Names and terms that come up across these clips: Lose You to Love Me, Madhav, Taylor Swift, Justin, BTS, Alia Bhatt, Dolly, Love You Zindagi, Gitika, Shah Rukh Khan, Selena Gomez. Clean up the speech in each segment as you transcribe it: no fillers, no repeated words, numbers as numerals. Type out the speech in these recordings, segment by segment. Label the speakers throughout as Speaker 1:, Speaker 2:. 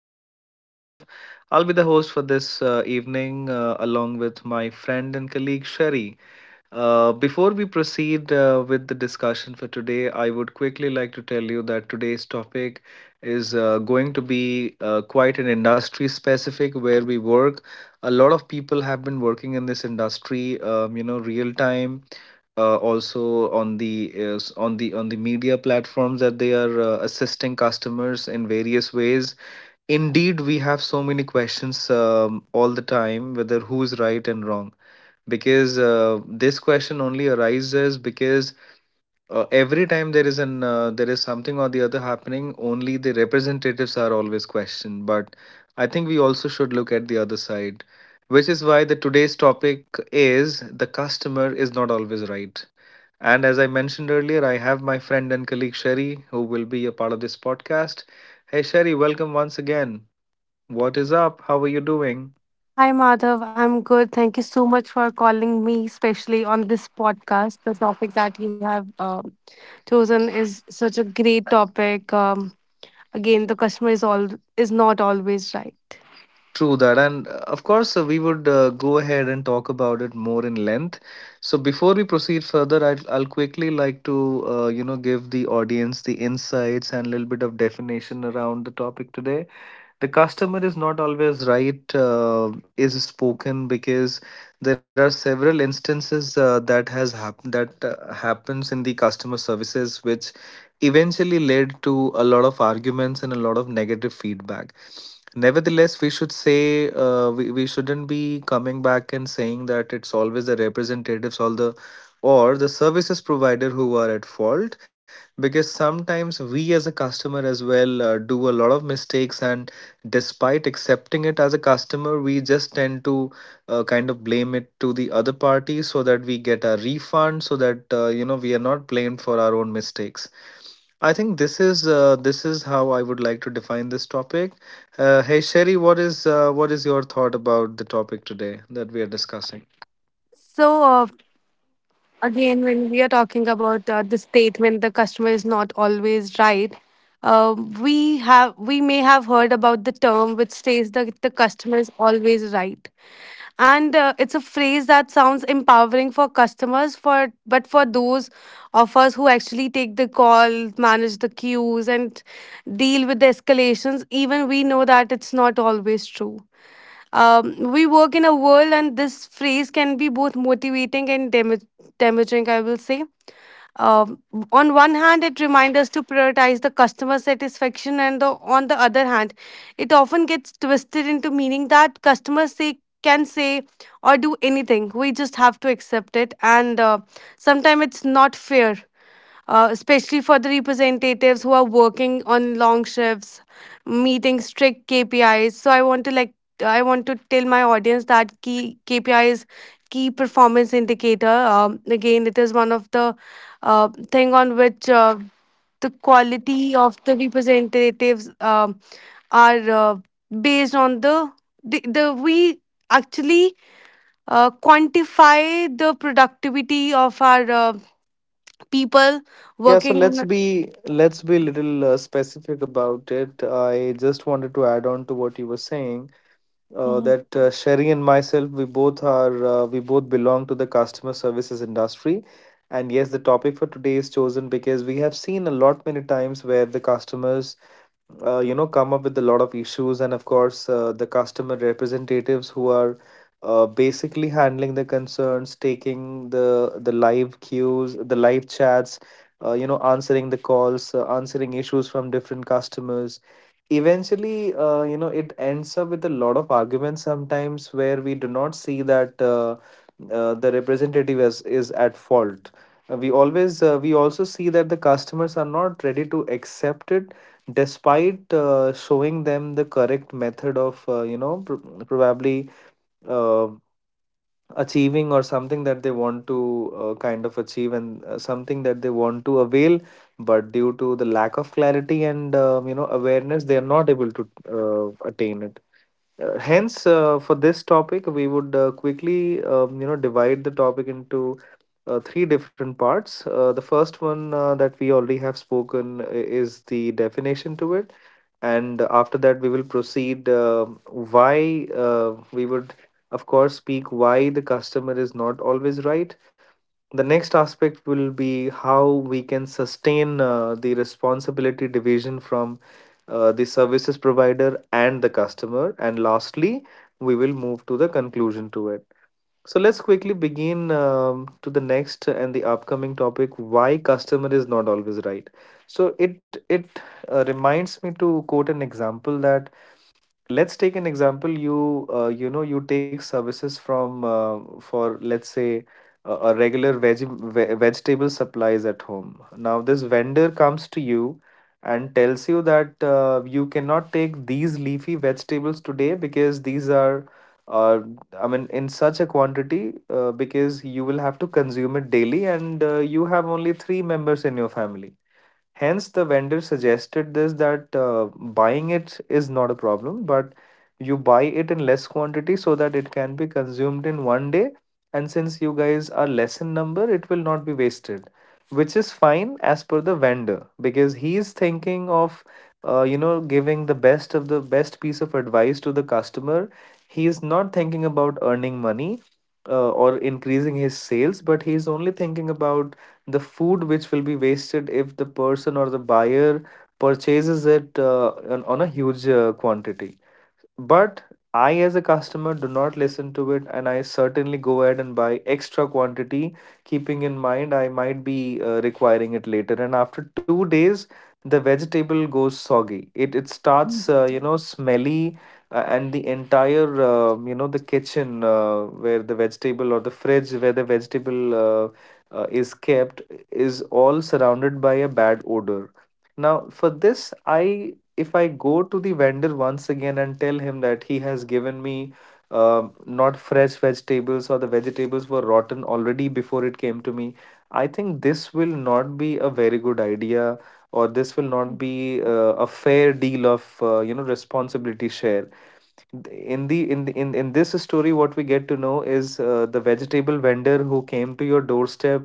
Speaker 1: And my name is Madhav. I'll be the host for this evening, along with my friend and colleague Sherry. Before we proceed with the discussion for today, I would quickly like to tell you that today's topic is going to be quite an industry specific where we work. A lot of people have been working in this industry, real time also on the on the media platforms that they are assisting customers in various ways. Indeed, we have so many questions all the time, whether who is right and wrong, because this question only arises because every time there is an there is something or the other happening, only the representatives are always questioned. But I think we also should look at the other side, which is why the today's topic is the customer is not always right. And as I mentioned earlier, I have my friend and colleague Sherry, who will be a part of this podcast. Hey, Sherry, welcome once again. What is up? How are you doing?
Speaker 2: Hi, Madhav. I'm good. Thank you so much for calling me, especially on this podcast. The topic that you have chosen is such a great topic. The customer is not always right.
Speaker 1: True that. And of course, we would go ahead and talk about it more in length. So before we proceed further, I'll quickly like to, give the audience the insights and a little bit of definition around the topic today. The customer is not always right is spoken because there are several instances that has happened, that happens in the customer services, which eventually led to a lot of arguments and a lot of negative feedback. Nevertheless, we should say, we shouldn't be coming back and saying that it's always the representatives or the services provider who are at fault, because sometimes we as a customer as well do a lot of mistakes, and despite accepting it as a customer, we just tend to kind of blame it to the other party, so that we get a refund, so that we are not blamed for our own mistakes. I think this is how I would like to define this topic. Hey, Sherry, what is your thought about the topic today that we are discussing?
Speaker 2: So uh, when we are talking about the statement, the customer is not always right. Uh, we have we may have heard about the term which says that the customer is always right, and it's a phrase that sounds empowering for customers for but for those of us who actually take the call, manage the queues and deal with the escalations, even we know that it's not always true. We work in a world and this phrase can be both motivating and damaging, I will say. um, on one hand, it reminds us to prioritize the customer satisfaction, and on the other hand, it often gets twisted into meaning that customers say can say or do anything. We just have to accept it, and sometimes it's not fair, especially for the representatives who are working on long shifts, meeting strict KPIs. So I want to I want to tell my audience that key KPIs, key performance indicator. Again, it is one of the thing on which the quality of the representatives are based on the we actually quantify the productivity of our people
Speaker 1: Yeah, so
Speaker 2: working.
Speaker 1: let's be a little specific about it. I just wanted to add on to what you were saying.
Speaker 2: Mhm.
Speaker 1: That Sherry and myself, we both belong to the customer services industry. And yes, the topic for today is chosen because we have seen a lot many times where the customers, come up with a lot of issues. And of course, the customer representatives who are basically handling the concerns, taking the live queues, the live chats, answering the calls, answering issues from different customers, eventually it ends up with a lot of arguments sometimes where we do not see that the representative is at fault. We also see that the customers are not ready to accept it, despite showing them the correct method of probably uh, achieving or something that they want to kind of achieve, and something that they want to avail, but due to the lack of clarity and awareness, they are not able to attain it. Hence, for this topic, we would quickly, divide the topic into three different parts. The first one that we already have spoken is the definition to it, and after that, we will proceed why we would, of course, speak why the customer is not always right. The next aspect will be how we can sustain the responsibility division from the services provider and the customer, and lastly we will move to the conclusion to it. So let's quickly begin to the next and the upcoming topic, why customer is not always right. So it reminds me to quote an example that, let's take an example, you you know you take services from for let's say a regular vegetable supplies at home. Now this vendor comes to you and tells you that you cannot take these leafy vegetables today because these are uh, I mean in such a quantity, because you will have to consume it daily, and you have only three members in your family. Hence, the vendor suggested this that buying it is not a problem, but you buy it in less quantity so that it can be consumed in 1 day. And since you guys are less in number, it will not be wasted, which is fine as per the vendor because he is thinking of, giving the best of the best piece of advice to the customer. He is not thinking about earning money or increasing his sales, but he is only thinking about the food which will be wasted if the person or the buyer purchases it on a huge quantity. But I, as a customer, do not listen to it, and I certainly go ahead and buy extra quantity, keeping in mind I might be requiring it later. And after 2 days, the vegetable goes soggy. It starts, smelly, and the entire, the kitchen where the vegetable or the fridge where the vegetable is kept is all surrounded by a bad odor. Now, for this, I if I go to the vendor once again and tell him that he has given me not fresh vegetables, or the vegetables were rotten already before it came to me, I think this will not be a very good idea, or this will not
Speaker 2: Mm.
Speaker 1: be a fair deal of responsibility share. In the in the, in in this story, what we get to know is the vegetable vendor who came to your doorstep,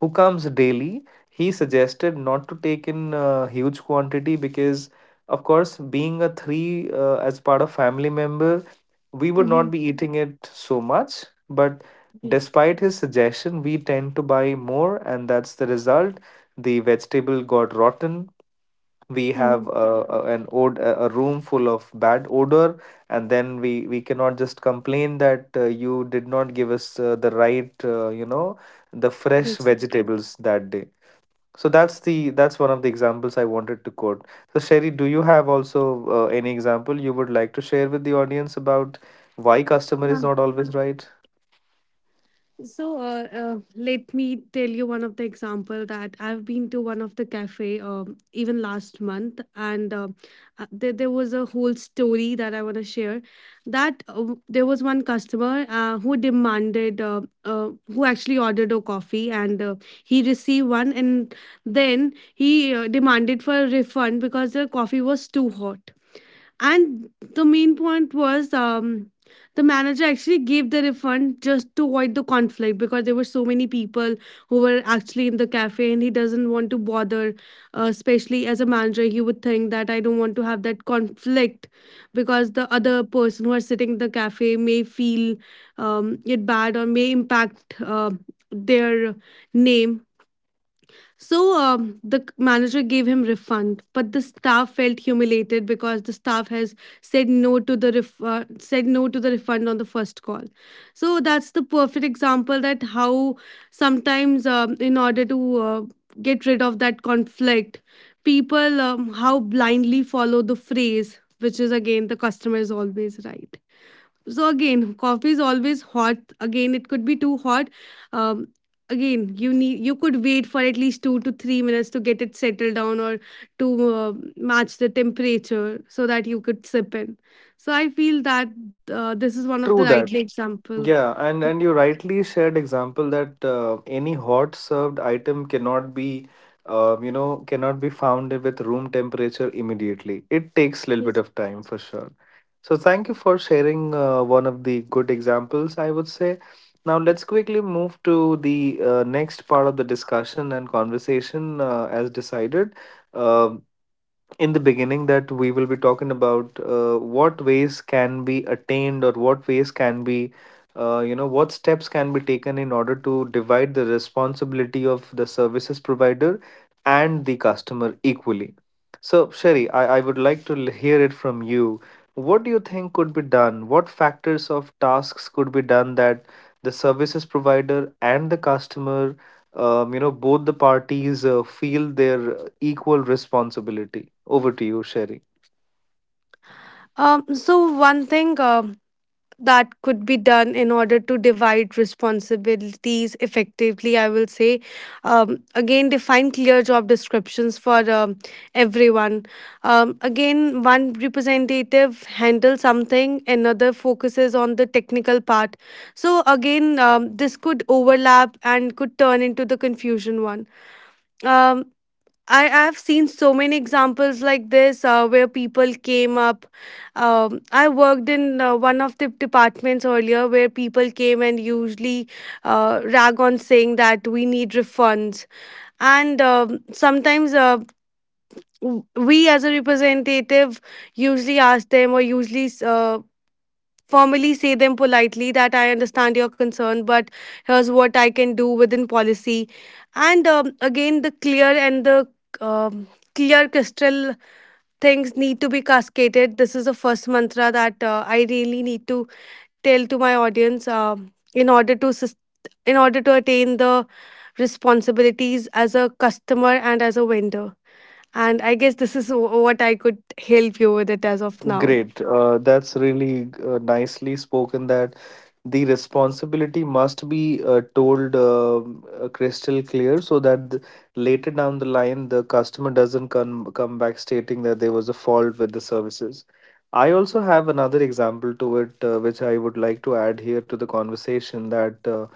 Speaker 1: who comes daily, he suggested not to take in huge quantity, because of course, being a three as part of family member, we would not
Speaker 2: Mhm.
Speaker 1: be eating it so much. But
Speaker 2: Yes.
Speaker 1: despite his suggestion, we tend to buy more, and that's the result. The vegetable got rotten. We have
Speaker 2: Mhm.
Speaker 1: a, an od- a room full of bad odor, and then we cannot just complain that you did not give us the right, the fresh
Speaker 2: Which.
Speaker 1: vegetables that day. So that's the that's one of the examples I wanted to quote. So Sherry, do you have also any example you would like to share with the audience about why customer is not always right?
Speaker 2: So let me tell you one of the example that I've been to one of the cafe even last month, and there was a whole story that I want to share. That there was one customer who demanded, who actually ordered a coffee, and he received one, and then he demanded for a refund because the coffee was too hot. And the main point was, the manager actually gave the refund just to avoid the conflict because there were so many people who were actually in the cafe and he doesn't want to bother, especially as a manager. He would think that I don't want to have that conflict because the other person who are sitting in the cafe may feel it bad or may impact their name. So manager gave him refund, but the staff felt humiliated because the staff has said no to the said no to the refund on the first call. So that's the perfect example that how sometimes, in order to get rid of that conflict, people, how blindly follow the phrase, which is again the customer is always right. So again, coffee is always hot. Again, it could be too hot. Um, Again, you could wait for at least 2 to 3 minutes to get it settled down or to match the temperature so that you could sip in. So I feel that this is one of
Speaker 1: True
Speaker 2: the
Speaker 1: that.
Speaker 2: right example.
Speaker 1: Yeah, and you rightly shared example that any hot served item cannot be, cannot be found with room temperature immediately. It takes a little bit
Speaker 2: Yes.
Speaker 1: of time for sure. So thank you for sharing one of the good examples, I would say. Now let's quickly move to the next part of the discussion and conversation as decided. Uh, in the beginning that we will be talking about what ways can be attained or what ways can be what steps can be taken in order to divide the responsibility of the services provider and the customer equally. So Sherry, I would like to hear it from you. What do you think could be done? What factors of tasks could be done that the services provider and the customer, both the parties feel their equal responsibility? Over to you, Sherry.
Speaker 2: So one thing that could be done in order to divide responsibilities effectively, I will say, again, define clear job descriptions for everyone. Again, one representative handles something, another focuses on the technical part. So again, this could overlap and could turn into the confusion one. um, I have seen so many examples like this where people came up. I worked in one of the departments earlier where people came and usually rag on saying that we need refunds. And sometimes we as a representative usually ask them or usually formally say them politely that I understand your concern, but here's what I can do within policy. And again, the clear and the um, clear crystal things need to be cascaded. This is the first mantra that I really need to tell to my audience in order to in order to attain the responsibilities as a customer and as a vendor. And I guess this is what I could help you with it as of now.
Speaker 1: Great, that's really nicely spoken that the responsibility must be told, crystal clear, so that later down the line the customer doesn't come back stating that there was a fault with the services. I also have another example to it, which I would like to add here to the conversation, that uh,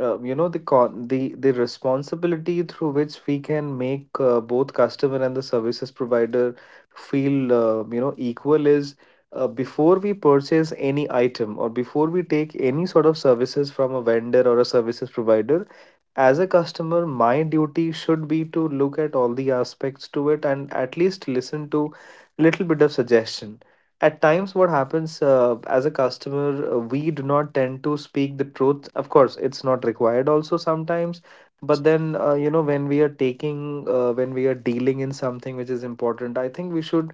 Speaker 1: uh, you know the con the responsibility through which we can make both customer and the services provider feel, equal, is before we purchase any item or before we take any sort of services from a vendor or a services provider, as a customer my duty should be to look at all the aspects to it and at least listen to little bit of suggestion. At times what happens, as a customer, we do not tend to speak the truth. Of course it's not required also sometimes, but then, when we are taking when we are dealing in something which is important, I think we should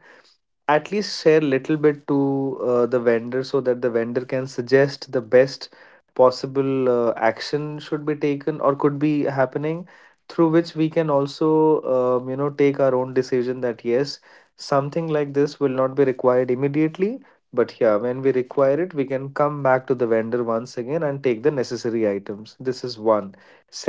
Speaker 1: at least share little bit to the vendor, so that the vendor can suggest the best possible action should be taken or could be happening, through which we can also, take our own decision that yes, something like this will not be required immediately, but yeah, when we require it we can come back to the vendor once again and take the necessary items. This is one.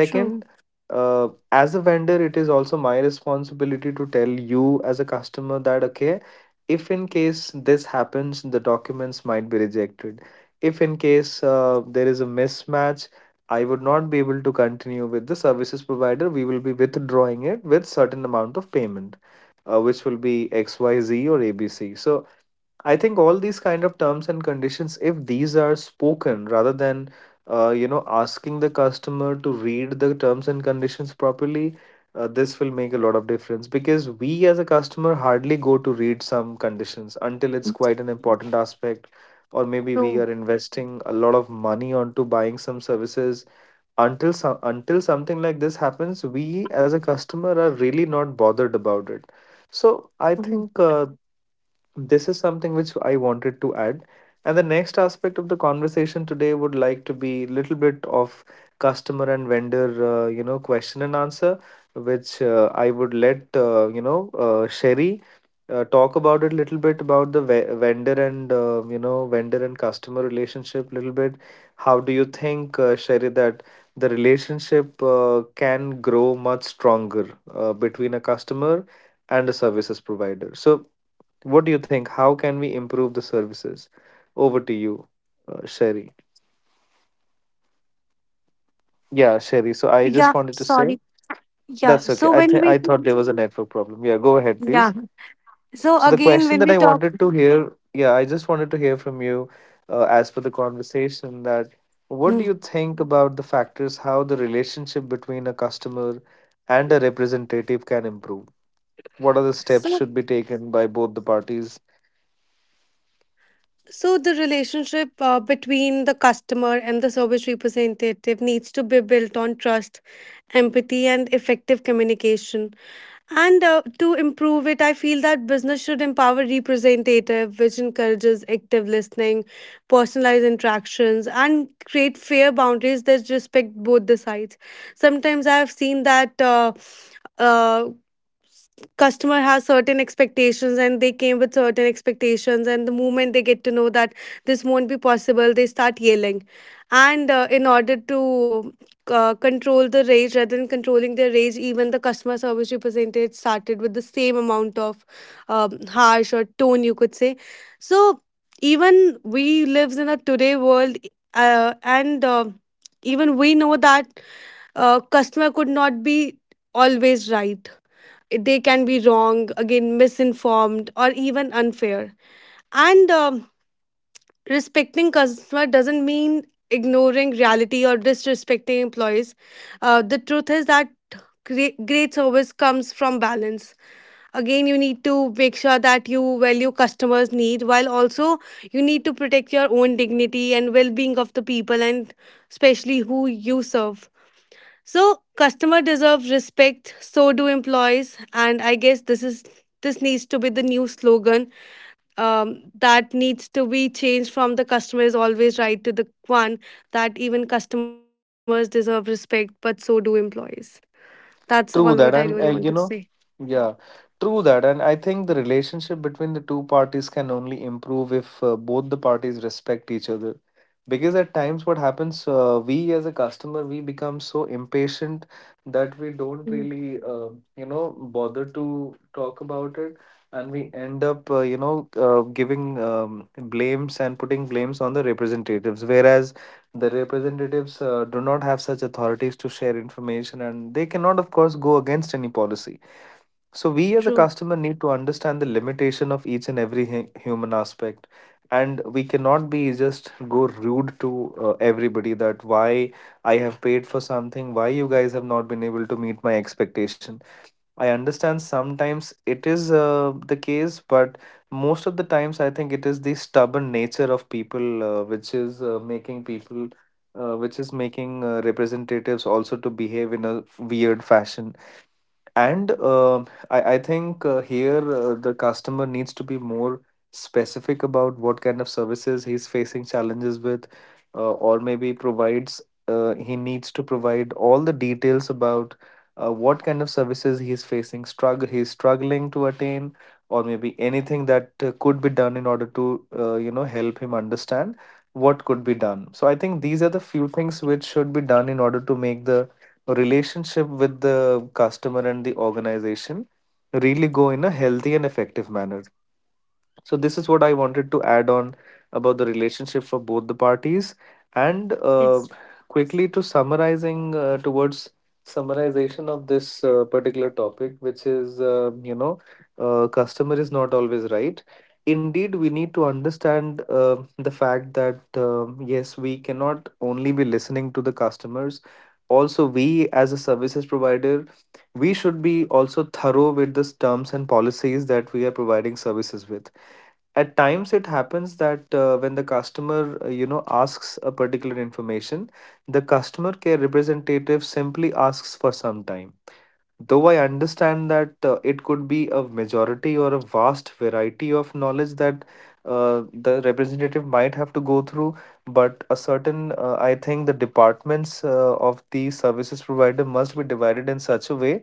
Speaker 2: True,
Speaker 1: as a vendor it is also my responsibility to tell you as a customer that okay, if in case this happens the documents might be rejected, if in case there is a mismatch, I would not be able to continue with the services provider. We will be withdrawing it with certain amount of payment, which will be xyz or abc. So I think all these kind of terms and conditions, if these are spoken rather than, asking the customer to read the terms and conditions properly, this will make a lot of difference, because we as a customer hardly go to read some conditions until it's quite an important aspect, or maybe we
Speaker 2: true.
Speaker 1: are investing a lot of money onto buying some services. Until something like this happens, we as a customer are really not bothered about it. So I think, this is something which I wanted to add. And the next aspect of the conversation today would like to be little bit of customer and vendor, question and answer, which I would let, Sherry talk about it little bit about the vendor and, vendor and customer relationship little bit. How do you think, Sherry, that the relationship can grow much stronger between a customer and a services provider? So, what do you think? How can we improve the services? Over to you, Sherry. Yeah, Sherry. So, I
Speaker 2: Yeah,
Speaker 1: just wanted to say,
Speaker 2: sorry. Yeah.
Speaker 1: that's okay.
Speaker 2: So when we
Speaker 1: I thought there was a network problem. Yeah, go ahead,
Speaker 2: Yeah.
Speaker 1: please.
Speaker 2: So
Speaker 1: So the
Speaker 2: again,
Speaker 1: question
Speaker 2: when
Speaker 1: that
Speaker 2: we
Speaker 1: I
Speaker 2: talk,
Speaker 1: wanted to hear, yeah, I just wanted to hear from you, as per the conversation, that what do
Speaker 2: mm,
Speaker 1: you think about the factors, how the relationship between a customer and a representative can improve? What are the steps
Speaker 2: so
Speaker 1: should be taken by both the parties?
Speaker 2: so the relationship between the customer and the service representative needs to be built on trust, empathy, and effective communication. And to improve it, I feel that business should empower representative, which encourages active listening, personalized interactions, and create fair boundaries that respect both the sides. Sometimes I have seen that uh, customer has certain expectations and they came with certain expectations and the moment they get to know that this won't be possible, they start yelling. And in order to control the rage rather than controlling their rage, even the customer service representative started with the same amount of, harsh or tone you could say. So even we lives in a today world, and even we know that customer could not be always right. They can be wrong, again, misinformed, or even unfair. And respecting customer doesn't mean ignoring reality or disrespecting employees. The truth is that great, great service comes from balance. Again, you need to make sure that you value customers' need while also you need to protect your own dignity and well being of the people and especially who you serve. So customer deserve respect, so do employees, and I guess this needs to be the new slogan, that needs to be changed from the customer is always right to the one that even customers deserve respect, but so do employees. That's all what I really
Speaker 1: True that,
Speaker 2: want to
Speaker 1: and,
Speaker 2: say.
Speaker 1: yeah, true that, and I think the relationship between the two parties can only improve if both the parties respect each other. Because at times, what happens, we as a customer, we become so impatient that we don't
Speaker 2: Mm,
Speaker 1: really, bother to talk about it, and we end up, giving blames and putting blames on the representatives. Whereas the representatives do not have such authorities to share information, and they cannot, of course, go against any policy. So, we as a
Speaker 2: true.
Speaker 1: customer need to understand the limitation of each and every human aspect. And we cannot be just go rude to everybody that why I have paid for something, why you guys have not been able to meet my expectation. I understand sometimes it is the case, but most of the times I think it is the stubborn nature of people which is making people, which is making representatives also to behave in a weird fashion. And I think here the customer needs to be more specific about what kind of services he's facing challenges with, or maybe provides, he needs to provide all the details about what kind of services he's facing, struggle, he's struggling to attain, or maybe anything that could be done in order to, help him understand what could be done. So I think these are the few things which should be done in order to make the relationship with the customer and the organization really go in a healthy and effective manner. So this is what I wanted to add on about the relationship for both the parties. And
Speaker 2: Yes.
Speaker 1: quickly to summarizing towards summarization of this particular topic, which is, customer is not always right. Indeed, we need to understand the fact that yes, we cannot only be listening to the customers. Also, we as a services provider, we should be also thorough with the terms and policies that we are providing services with. At times it happens that when the customer, asks a particular information, the customer care representative simply asks for some time. Though I understand that it could be a majority or a vast variety of knowledge that the representative might have to go through, but a certain, I think the departments of the services provider must be divided in such a way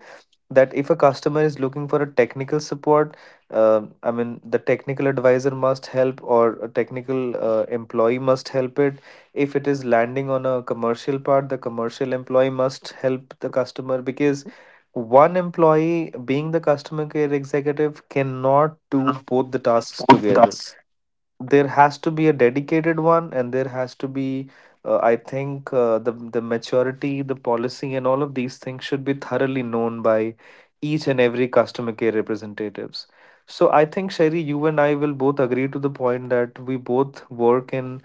Speaker 1: that if a customer is looking for a technical support, I mean, the technical advisor must help, or a technical employee must help it. If it is landing on a commercial part, the commercial employee must help the customer, because one employee, being the customer care executive, cannot do both the tasks together. There has to be a dedicated one, and there has to be, I think, the maturity, the policy, and all of these things should be thoroughly known by each and every customer care representatives. So I think, Sherry, you and I will both agree to the point that we both work in.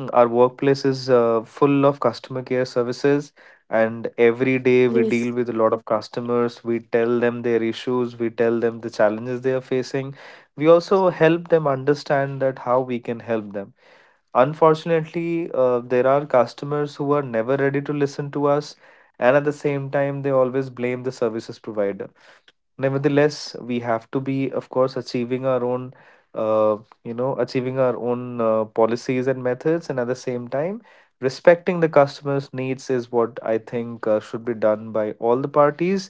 Speaker 1: Mm, our workplace is full of customer care services, and every day we
Speaker 2: Yeah.
Speaker 1: deal with a lot of customers. We tell them their issues, we tell them the challenges they are facing. We also help them understand that how we can help them. Unfortunately, there are customers who are never ready to listen to us, and at the same time, they always blame the services provider. Nevertheless, we have to be, of course, achieving our own, uh, achieving our own policies and methods, and at the same time, respecting the customer's needs is what I think should be done by all the parties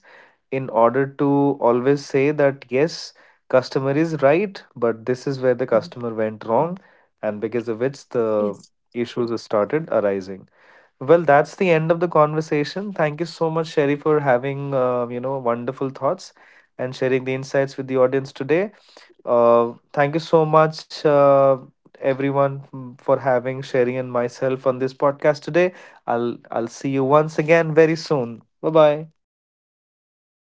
Speaker 1: in order to always say that yes, customer is right, but this is where the customer went wrong, and because of which the issues started arising. Well, that's the end of the conversation. Thank you so much, Sherry, for having, wonderful thoughts and sharing the insights with the audience today. Thank you so much, everyone, mm, for having Sherry and myself on this podcast today. I'll see you once again very soon. Bye bye.
Speaker 2: Bye. Bye,